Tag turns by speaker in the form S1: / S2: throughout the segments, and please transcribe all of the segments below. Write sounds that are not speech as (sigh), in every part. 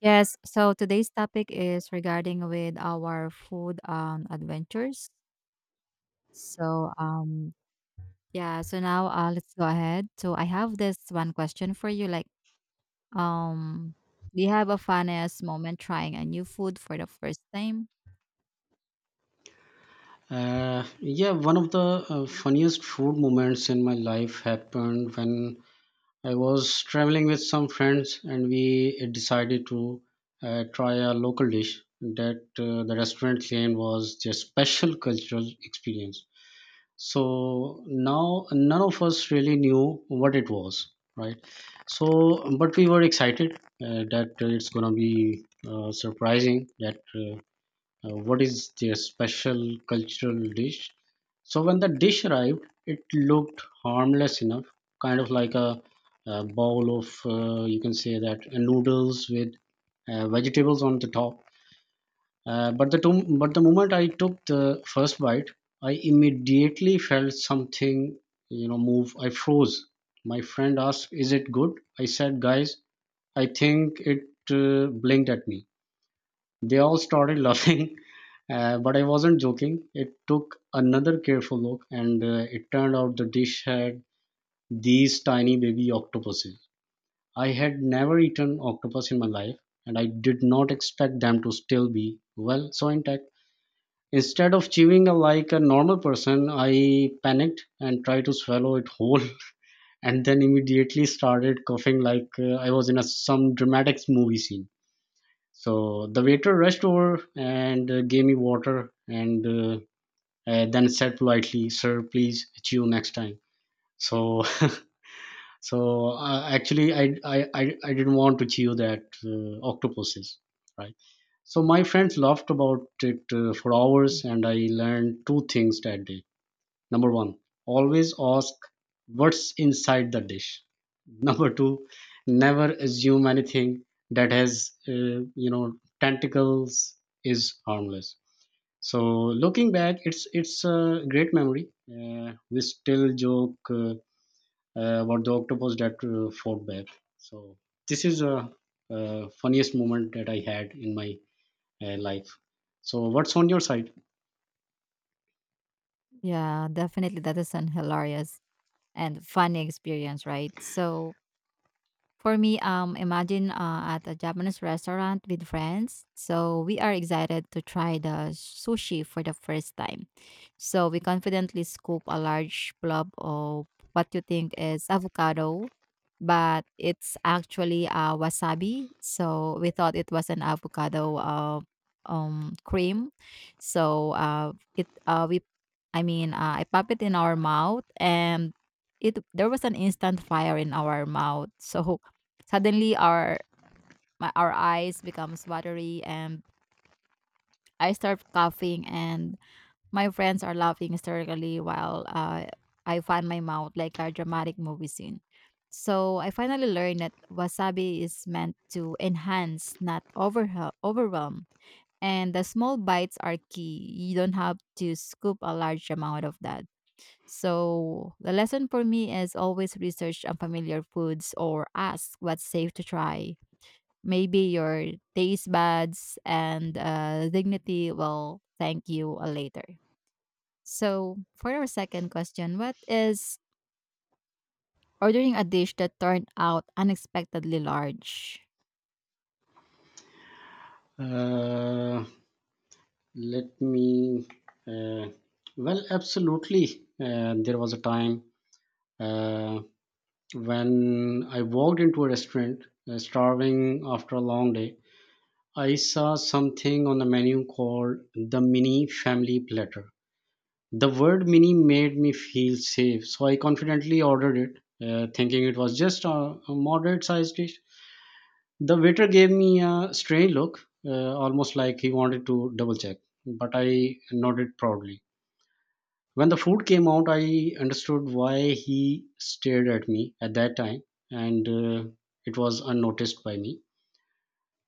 S1: Yes, so today's topic is regarding with our food adventures. So yeah, so now let's go ahead. So I have this one question for you, like um do you have a funniest moment trying a new food for the first time?
S2: Yeah, one of the funniest food moments in my life happened when I was traveling with some friends and we decided to try a local dish that the restaurant claimed was their special (laughs) cultural experience. So now none of us really knew what it was, right? So, but we were excited, that it's gonna be surprising that. What is their special cultural dish. So when the dish arrived, it looked harmless enough, kind of like a bowl of you can say that noodles with vegetables on the top. But but the moment I took the first bite, I immediately felt something move. I froze. My friend asked, "Is it good?" I said, "Guys, I think it blinked at me." They all started (laughs) laughing, but I wasn't joking. It took another careful look, and it turned out the dish had these tiny baby octopuses. I had never eaten octopus in my life, and I did not expect them to still be, well, so intact. Instead of chewing like a normal person, I panicked and tried to swallow it whole, (laughs) and then immediately started coughing like I was in some dramatic movie scene. So the waiter rushed over and gave me water and then said politely, "Sir, please chew next time." So, (laughs) so actually, I didn't want to chew that octopuses, right? So my friends laughed about it for hours, and I learned two things that day. Number one, always ask what's inside the dish. Number two, never assume anything that has, tentacles is harmless. So looking back, it's a great memory. We still joke about the octopus that fought back. So this is a funniest moment that I had in my life. So what's on your side?
S1: Yeah, definitely that is an hilarious and funny experience, right? So for me, imagine at a Japanese restaurant with friends. So we are excited to try the sushi for the first time. So we confidently scoop a large blob of what you think is avocado, but it's actually wasabi. So we thought it was an avocado cream. So it we, I mean, I pop it in our mouth and it there was an instant fire in our mouth. So suddenly, our eyes becomes watery, and I start coughing, and my friends are laughing hysterically while I find my mouth like a dramatic movie scene. So I finally learned that wasabi is meant to enhance, not overwhel- overwhelm. And the small bites are key. You don't have to scoop a large amount of that. So the lesson for me is always research unfamiliar foods or ask what's safe to try. Maybe your taste buds and dignity will thank you later. So, for our second question, what is ordering a dish that turned out unexpectedly large?
S2: Uh, Let me. Uh, well, absolutely. There was a time uh, when I walked into a restaurant, starving after a long day. I saw something on the menu called the mini family platter. The word mini made me feel safe, so I confidently ordered it, thinking it was just a moderate sized dish. The waiter gave me a strange look, almost like he wanted to double check, but I nodded proudly. When the food came out, I understood why he stared at me at that time, and it was unnoticed by me.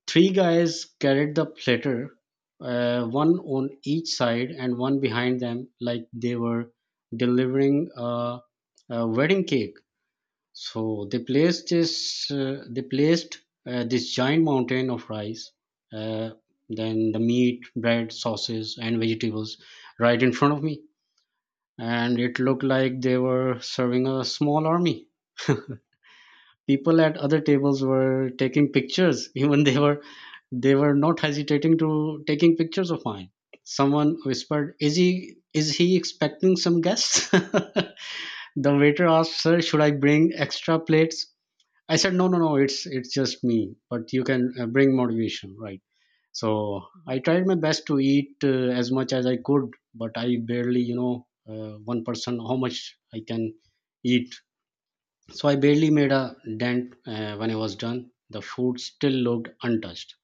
S2: Three guys carried the platter, one on each side and one behind them, like they were delivering a wedding cake. So they placed this giant mountain of rice, uh, then the meat, bread, sauces, and vegetables right in front of me, and it looked like they were serving a small army. (laughs)
S1: Mhm,
S2: People at other tables were taking pictures, (laughs) even they were not hesitating to taking pictures of mine. Someone whispered, is he expecting some guests? (laughs) The waiter
S1: mhm,
S2: asked, sir, should I bring extra plates? I said, no, it's just me, but you can, bring motivation, right? So I
S1: mhm.
S2: tried my best to eat as much as I could, but I barely, you know, one person, how much I can eat. So I barely made a dent when I was done. The food still looked untouched.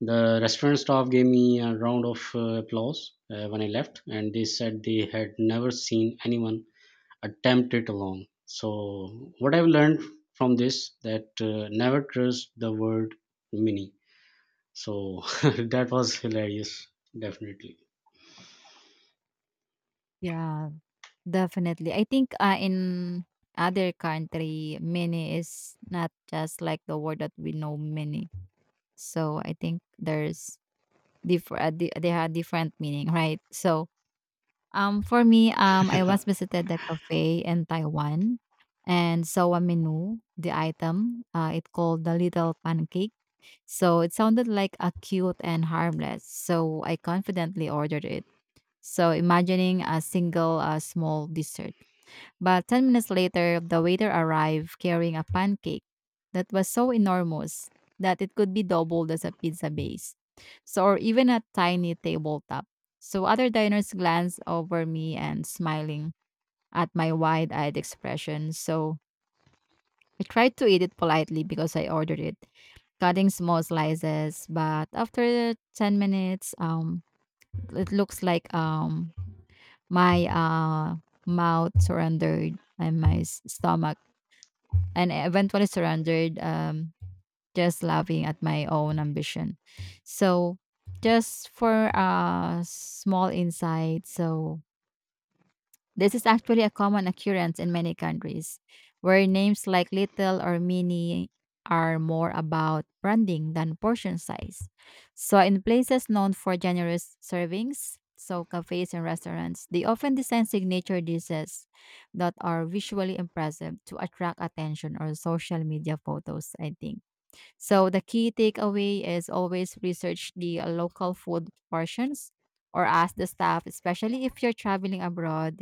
S2: The restaurant staff gave me a round of applause when I left, and they said they had never seen anyone attempt it alone. So what I've learned from this, that never trust the word mini. So (laughs) that was hilarious, definitely.
S1: Yeah, definitely. I think in other country, mini is not just like the word that we know mini. So I think there's different. They have different meaning, right? So for me, I once
S2: (laughs)
S1: visited the cafe in Taiwan and saw a menu, the item. It called the little pancake. So it sounded like a cute and harmless. So I confidently ordered it. So imagining a single small dessert. But 10 minutes later, the waiter arrived carrying a pancake that was so enormous that it could be doubled as a pizza base. So, or even a tiny tabletop. So, other diners glanced over me and smiling at my wide eyed expression. So, I tried to eat it politely because I ordered it, cutting small slices. But after 10 minutes, it looks like my mouth surrendered and stomach and I eventually surrendered, just laughing at my own ambition. So, just for a small insight, so this is actually a common occurrence in many countries, where names like little or mini are more about branding than portion size. So, in places known for generous servings, so cafes and restaurants, they often design signature dishes that are visually impressive to attract attention or social media photos, I think. So, the key takeaway is always research the local food portions or ask the staff, especially if you're traveling abroad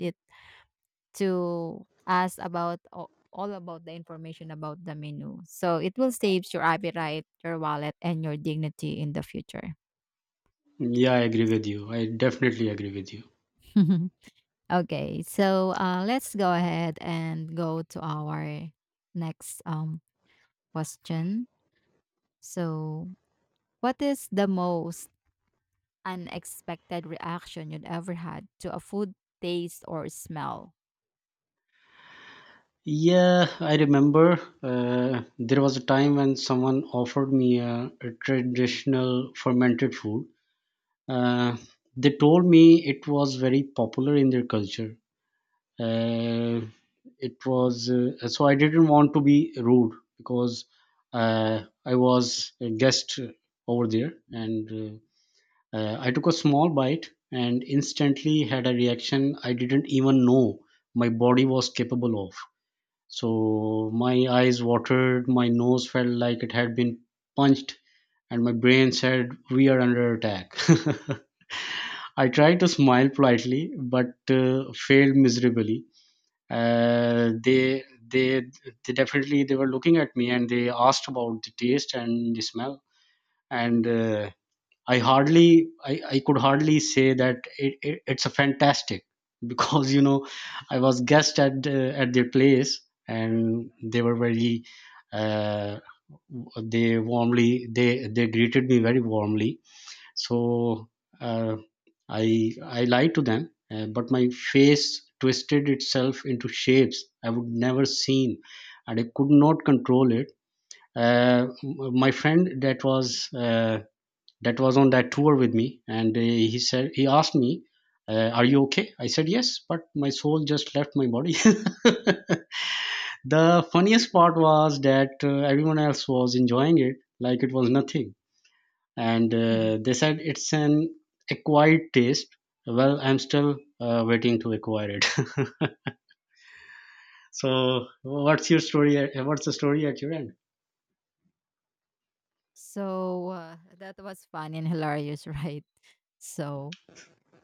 S1: to us about a- all about the information about the menu. So it will save your appetite, your wallet, and your dignity in the future.
S2: Yeah, I agree with you. I definitely agree with you.
S1: (laughs) Okay, so let's go ahead and go to our next question. So, what is the most unexpected reaction you'd ever had to a food taste or smell?
S2: Yeah, I remember there was a time when someone offered me a traditional fermented food. Uh, they told me it was very popular in their culture. Uh, it was so I didn't want to be rude because uh, I was a guest over there, and I took a small bite and instantly had a reaction I didn't even know my body was capable of. So my eyes watered, my nose felt like it had been punched, and my brain said, we are under attack. (laughs) I tried to smile politely, but failed miserably. Uh, they, they, they definitely, they were looking at me and they asked about the taste and the smell. And I could hardly say that it's a fantastic, (laughs) because you know I was guest at their place and they were very, uh, they warmly they greeted me very warmly. So uh, I lied to them, but my face twisted itself into shapes I would never seen, and I could not control it. My friend that was. That was on that tour with me, and he asked me, are you okay? I said, yes, but my soul just left my body. (laughs) The funniest part was that everyone else was enjoying it like it was nothing, and
S1: (laughs)
S2: they said it's an acquired taste. Well, I'm still waiting to acquire it. (laughs) So what's your story? What's the story at your end?
S1: So that was fun and hilarious, (laughs) right? So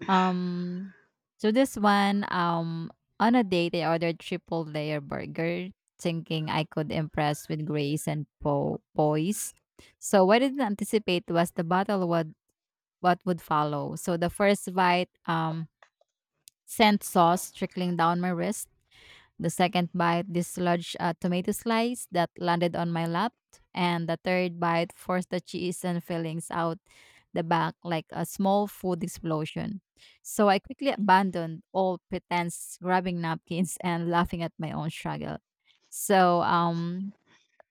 S1: Um, this one, on a date, I ordered triple layer burger, thinking I could impress with grace and poise. So what I didn't anticipate was the battle would what would follow. So the first bite, sent sauce trickling down my wrist. The second bite dislodged a tomato slice that landed on my lap, and the third bite forced the cheese and fillings out the back like a small food explosion. So I quickly abandoned all pretense, grabbing napkins and laughing at my own struggle. So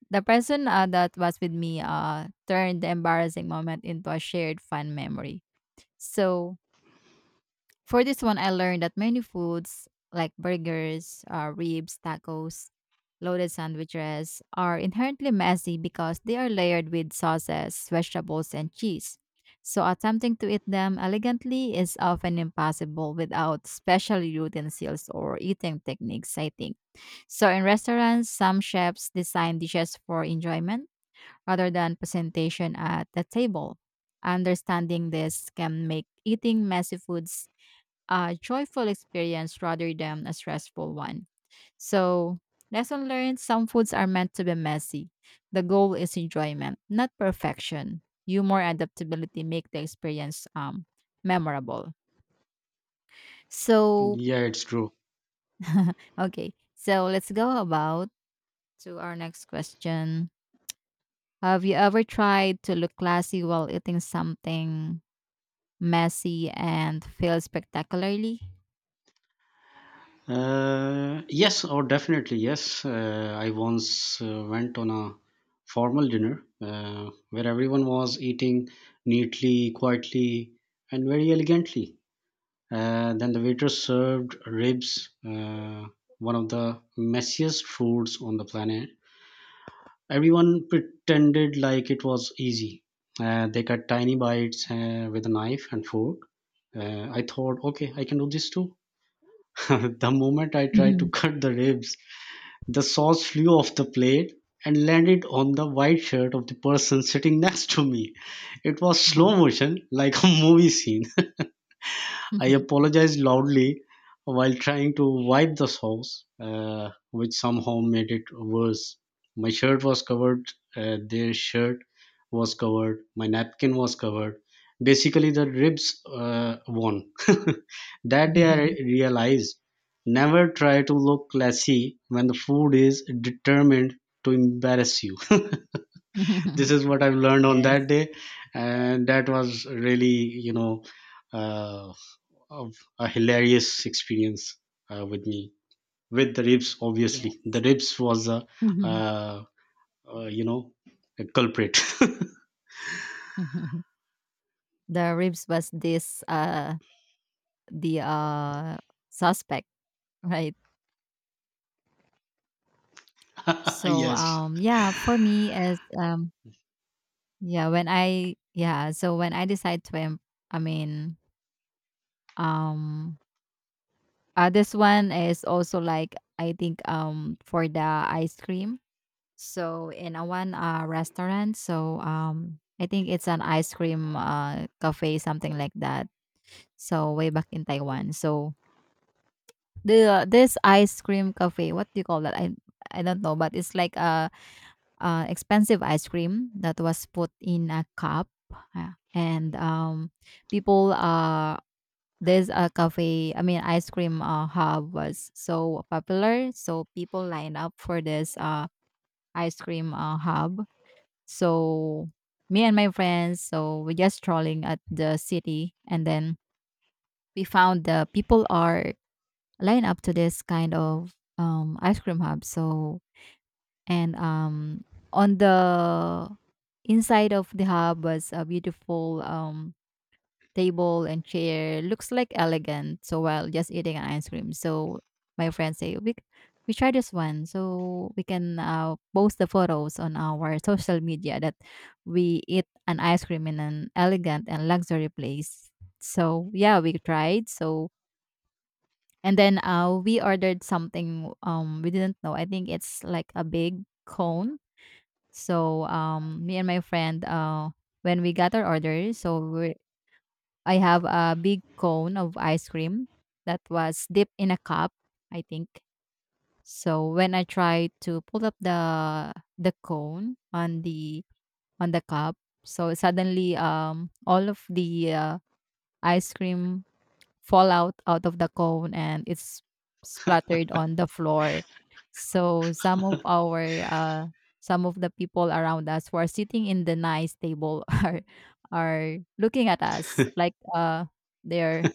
S1: the person that was with me turned the embarrassing moment into a shared fun memory. So for this one, I learned that many foods like burgers, ribs, tacos, loaded sandwiches are inherently messy because they are layered with sauces, vegetables, and cheese. So, attempting to eat them elegantly is often impossible without special utensils or eating techniques, I think. So, in restaurants, some chefs design dishes for enjoyment rather than presentation at the table. Understanding this can make eating messy foods a joyful experience rather than a stressful one. So, lesson learned, some foods are meant to be messy. The goal is enjoyment, not perfection. Humor and adaptability make the experience memorable. So,
S2: Yeah, it's true.
S1: (laughs) okay. So, let's go about to our next question. Have you ever tried to look classy while eating something messy, and fail spectacularly?
S2: Yes, or definitely yes. I once went on a formal dinner where everyone was eating neatly, quietly, and very elegantly. Then the waiter served ribs, one of the messiest foods on the planet. Everyone pretended like it was easy. They cut tiny bites with a knife and fork. I thought, okay, I can do this too. (laughs) The moment I tried to
S1: Mhm.
S2: cut the ribs, the sauce flew off the plate and landed on the white shirt of the person sitting next to me. It was slow
S1: Wow.
S2: motion, like a (laughs) movie scene. I
S1: Mhm.
S2: apologized loudly while trying to wipe the sauce, which somehow made it worse. My shirt was covered, their shirt was covered, my napkin was covered. Basically, the ribs won. (laughs) That
S1: Mhm.
S2: day, I
S1: Mhm.
S2: realized, never try to look classy when the food is determined to embarrass you. (laughs) This
S1: (laughs)
S2: is what I've learned on
S1: yes.
S2: that day, and that was really, you know, uh, of a hilarious experience with me, with the ribs.
S1: Yeah.
S2: Obviously the ribs was a
S1: Mhm.
S2: uh, uh, you know a culprit. (laughs)
S1: Mhm. The ribs was this the suspect, right? So
S2: Yes.
S1: for me as yeah, when I yeah, so when I decide to I mean, um this one is also like, I think, for the ice cream. So in a one restaurant, so I think it's an ice cream cafe something like that. So way back in Taiwan. So the this ice cream cafe, what do you call that? I don't know, but it's like a expensive ice cream that was put in a cup. And people, there's a cafe, I mean, ice cream hub was so popular. So people line up for this ice cream hub. So me and my friends, so we're just strolling at the city. And then we found the people are line up to this kind of ice cream hub. So, and on the inside of the hub was a beautiful table and chair. Looks like elegant. So while just eating an ice cream, so my friends say, we try this one, so we can post the photos on our (laughs) social media that we eat an ice cream in an elegant and luxury place. So yeah, we tried. So and then we ordered something we didn't know. I think it's like a big cone, so me and my friend, when we got our order, so we I have a big cone of ice cream that was dipped in a cup, I think. So when I tried to pull up the cone on the cup, so suddenly all of the ice cream fall out out of the cone and it's splattered on the floor. So some of the people around us who are sitting in the nice table (laughs) are looking at us like they're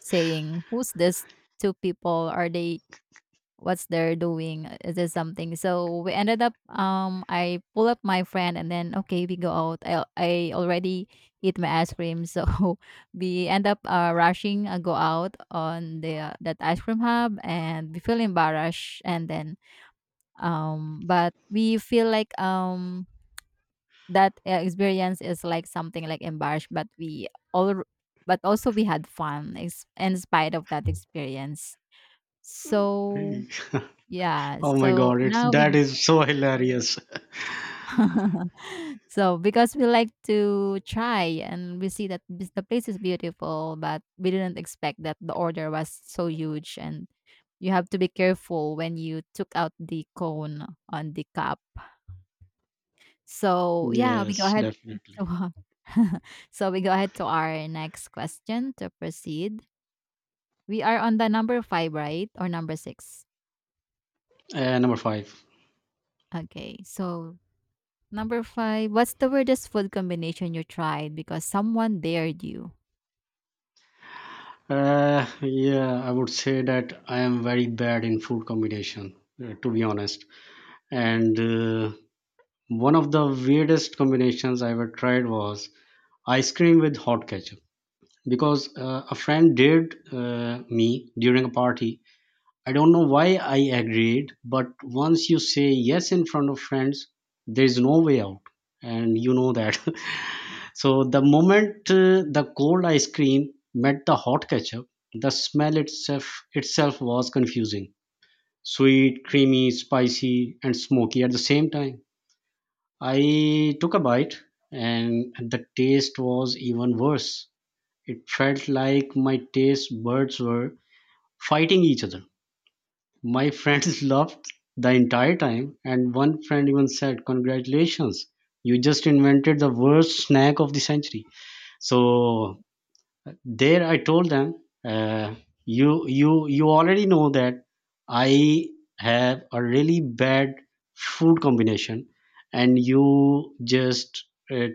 S1: saying, "Who's this two people? Are they what's they're doing is this something?" So we ended up, I pull up my friend and then, okay, we go out, I already eat my ice cream, so (laughs) we end up rushing go out on the that ice cream hub and we feel embarrassed, and then but we feel like that experience is like something like embarrassed, but we all but also we had fun in spite of that experience. So
S2: (laughs)
S1: yeah,
S2: Oh my
S1: so
S2: god, it's,
S1: now we
S2: that is so hilarious.
S1: (laughs) so because we like to try and we see that the place is beautiful, but we didn't expect that the order was so huge, and you have to be careful when you took out the cone on the cup. So yeah, we go
S2: Yes,
S1: ahead (laughs)
S2: definitely.
S1: so, so we go ahead to our next question to proceed. We are on the number five, right? Or number six.
S2: Uh, number five.
S1: Okay. So number five, what's the weirdest food combination you tried because someone dared you?
S2: Yeah, I would say that I am very bad in food combination, to be honest,
S1: Mhm,
S2: and one of the weirdest combinations I ever tried was ice cream with hot ketchup, because a friend dared me during a party. I don't know why I agreed, but once you say yes in front of friends, there is no way out, and you know that. (laughs) So the moment the cold ice cream met the hot ketchup, the smell itself was confusing. Sweet,
S1: mhm,
S2: creamy, spicy, and smoky at the same time. I took a bite, and the taste was even worse. It felt like my taste buds were fighting each other. My friends (laughs) laughed the entire time, and one friend even said, congratulations, you just invented the worst snack of the century.
S1: mhm,
S2: So
S1: mhm.
S2: there I told them, uh, you already know that I have a really bad food combination, and you just, uh,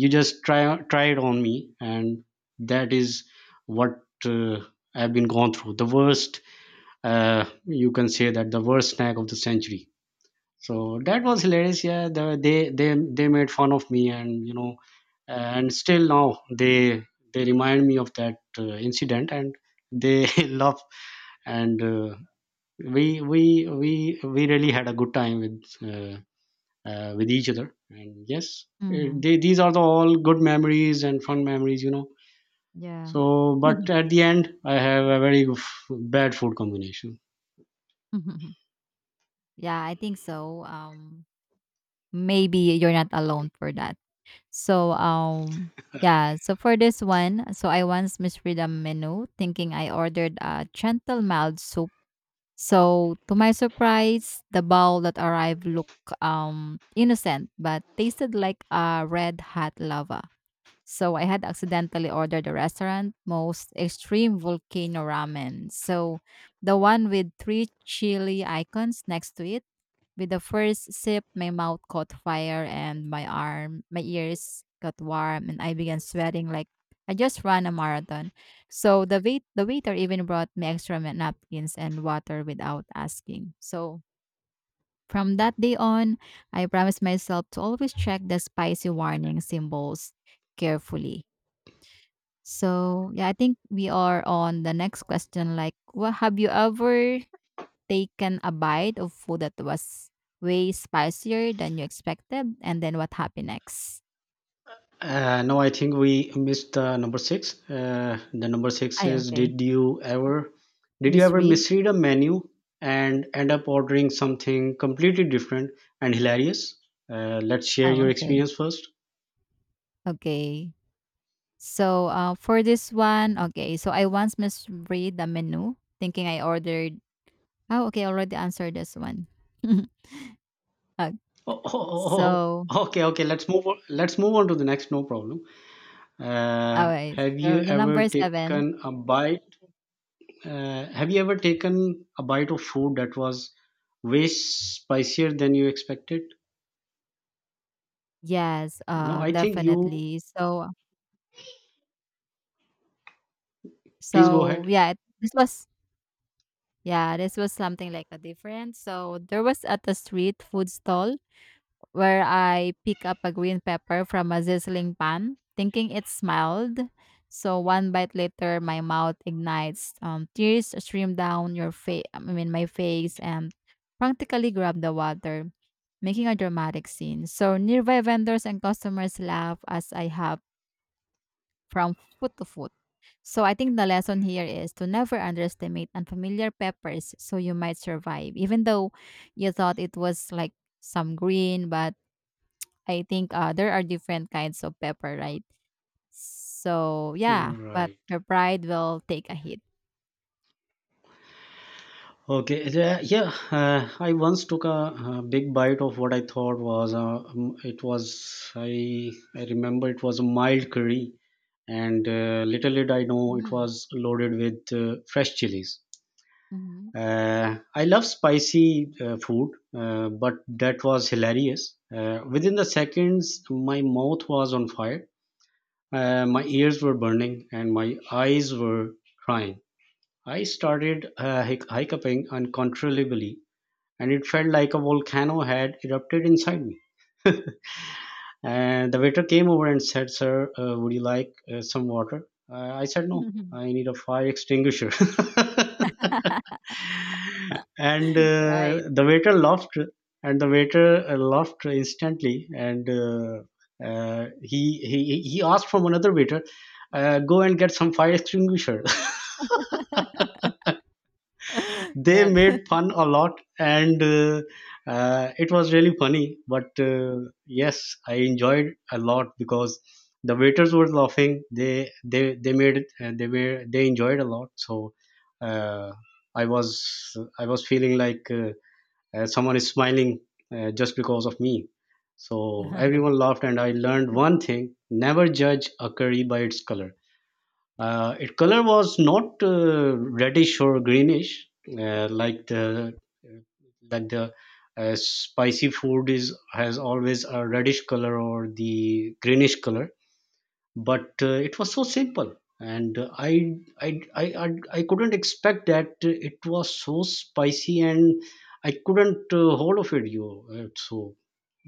S2: you just try it on me, and that is what, uh, I've been gone through the worst, you can say that the worst snack of the century. So that was hilarious. Yeah, they made fun of me, and you know, and still now they remind me of that incident, and they (laughs) love, and we really had a good time with each other. And yes,
S1: Hmm.
S2: they, these are the all good memories and fun memories, you know.
S1: Yeah.
S2: So, but at the end, I have a very bad food combination.
S1: (laughs) yeah, I think so. Maybe you're not alone for that. So, yeah. So for this one, so I once misread a menu thinking I ordered a gentle mild soup. So to my surprise, the bowl that arrived looked innocent but tasted like a red hot lava. So I had accidentally ordered the restaurant most extreme volcano ramen. So the one with three chili icons next to it. With the first sip, my mouth caught fire and my ears got warm, and I began sweating like I just ran a marathon. So the waiter even brought me extra napkins and water without asking. So from that day on, I promised myself to always check the spicy warning symbols carefully. So yeah, I think we are on the next question. Like, what, have you ever taken a bite of food that was way spicier than you expected, and then what happened next?
S2: No, I think we missed the number six. The number six
S1: I
S2: is,
S1: okay,
S2: did you ever did you
S1: Miss
S2: ever
S1: Reed.
S2: misread a menu and end up ordering something completely different and hilarious? Let's share
S1: Oh,
S2: your
S1: okay,
S2: experience first.
S1: okay. So for this one, okay. So I once misread the menu, thinking I ordered. Oh, okay. I already answered this one. (laughs) okay.
S2: Oh, oh, oh,
S1: So,
S2: oh, okay. Let's move on. Let's move on to the next. No problem.
S1: alright.
S2: Have you
S1: So the
S2: ever
S1: number seven.
S2: taken a bite? Have you ever taken a bite of food that was way spicier than you expected?
S1: Yes,
S2: No, I think you.
S1: definitely. So
S2: Please go ahead.
S1: This was yeah, this was something like a different. So there was at a street food stall where I pick up a green pepper from a sizzling pan, thinking it smiled. So one bite later, my mouth ignites. Tears stream down your face. I mean, my face, and practically grab the water, making a dramatic scene. So nearby vendors and customers laugh as I have from food to food. So I think the lesson here is to never underestimate unfamiliar peppers so you might survive. Even though you thought it was like some green, but I think there are different kinds of pepper, right? So yeah, but
S2: Right.
S1: your pride will take a hit.
S2: Okay, yeah, yeah, I once took a, big bite of what I thought was it was I remember it was a mild curry, and little did I know it
S1: Mm,
S2: was loaded with fresh chilies.
S1: mhm.
S2: I love spicy food, but that was hilarious. Within the seconds, my mouth was on fire, my ears were burning, and my eyes were crying. I started hiccuping uncontrollably, and it felt like a volcano had erupted inside me. And the waiter came over and said, "Sir, would you like some water?" I said, "No,
S1: (laughs)
S2: I need a fire extinguisher." (laughs) and
S1: right.
S2: uh, the waiter laughed, and the waiter laughed instantly. And He, he asked from another waiter, "Go and get some fire extinguisher." (laughs)
S1: (laughs)
S2: They
S1: That-
S2: made fun a lot, and it was really funny. But yes, I enjoyed a lot because the waiters were laughing. They made it. They were they enjoyed a lot. So uh, I was I was feeling like someone is smiling just because of me. So
S1: (laughs)
S2: everyone laughed, and I learned one thing: never judge a curry by its color. Its color was not reddish or greenish, uh, like the like the spicy food is has always a reddish color or the greenish color, but it was so simple, and I couldn't expect that it was so spicy, and I couldn't hold of it you uh, so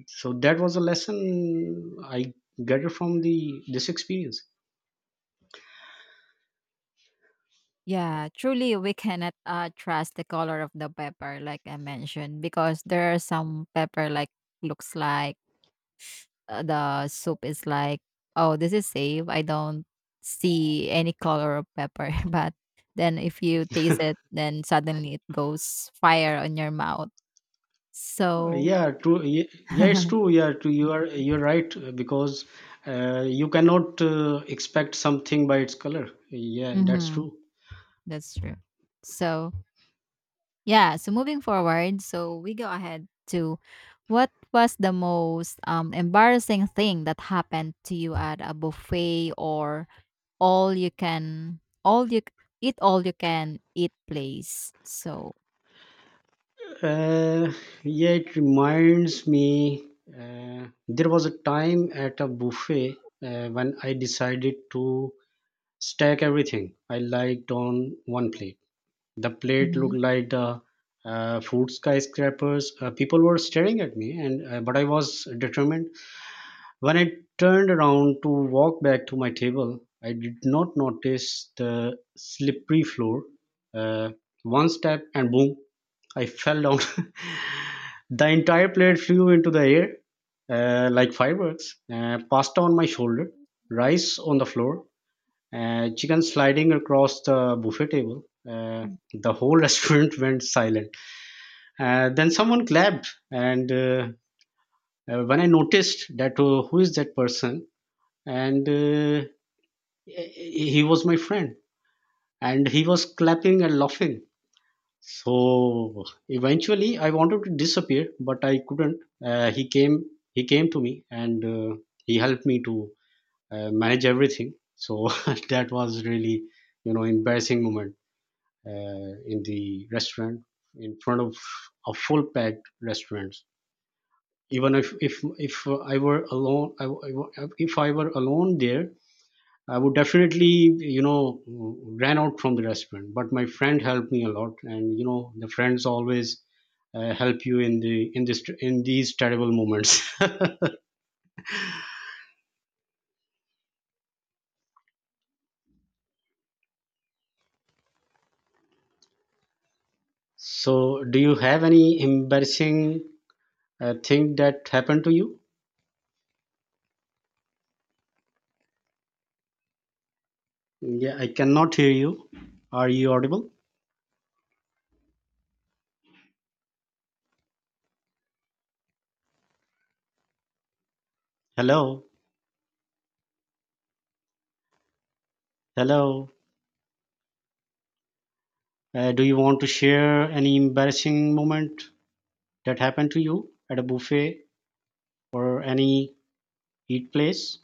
S2: so that was a lesson I gathered from the this experience.
S1: yeah, truly, we cannot trust the color of the pepper, like I mentioned, because there are some pepper like looks like the soup is like, oh, this is safe. I don't see any color of pepper. (laughs) But then if you taste it, then suddenly it goes fire on your mouth. So
S2: Yeah, true. Yeah, it's true. Yeah, true. You're right, because you cannot expect something by its color. Yeah, that's
S1: mhm,
S2: true.
S1: that's true. So yeah, so moving forward, so we go ahead to what was the most embarrassing thing that happened to you at a buffet or all you can all you all you can eat place. So
S2: Uh, yeah, it reminds me. There was a time at a buffet when I decided to stack everything I liked on one plate. The plate
S1: mhm.
S2: looked like the food skyscrapers. People were staring at me, and but I was determined. When I turned around to walk back to my table, I did not notice the slippery floor. Uh, One step, and boom, I fell down. (laughs) The entire plate flew into the air, like fireworks, pasta on my shoulder, rice on the floor, chicken sliding across the buffet table. Uh, the whole (laughs) restaurant went silent. Then someone clapped, and when I noticed that, who is that person? And He was my friend, and he was clapping and laughing. So eventually I wanted to disappear, but I couldn't. uh, he came he came to me, and he helped me to manage everything. So (laughs) that was really, embarrassing moment in the restaurant, in front of a full packed restaurant. Even if I were alone, if I were alone there, I would definitely, you know, ran out from the restaurant. But my friend helped me a lot, and you know, the friends always help you in the in this in these terrible moments. (laughs) So, do you have any embarrassing thing that happened to you? Yeah, I cannot hear you. Are you audible? Hello, hello. Do you want to share any embarrassing moment that happened to you at a buffet or any eat place?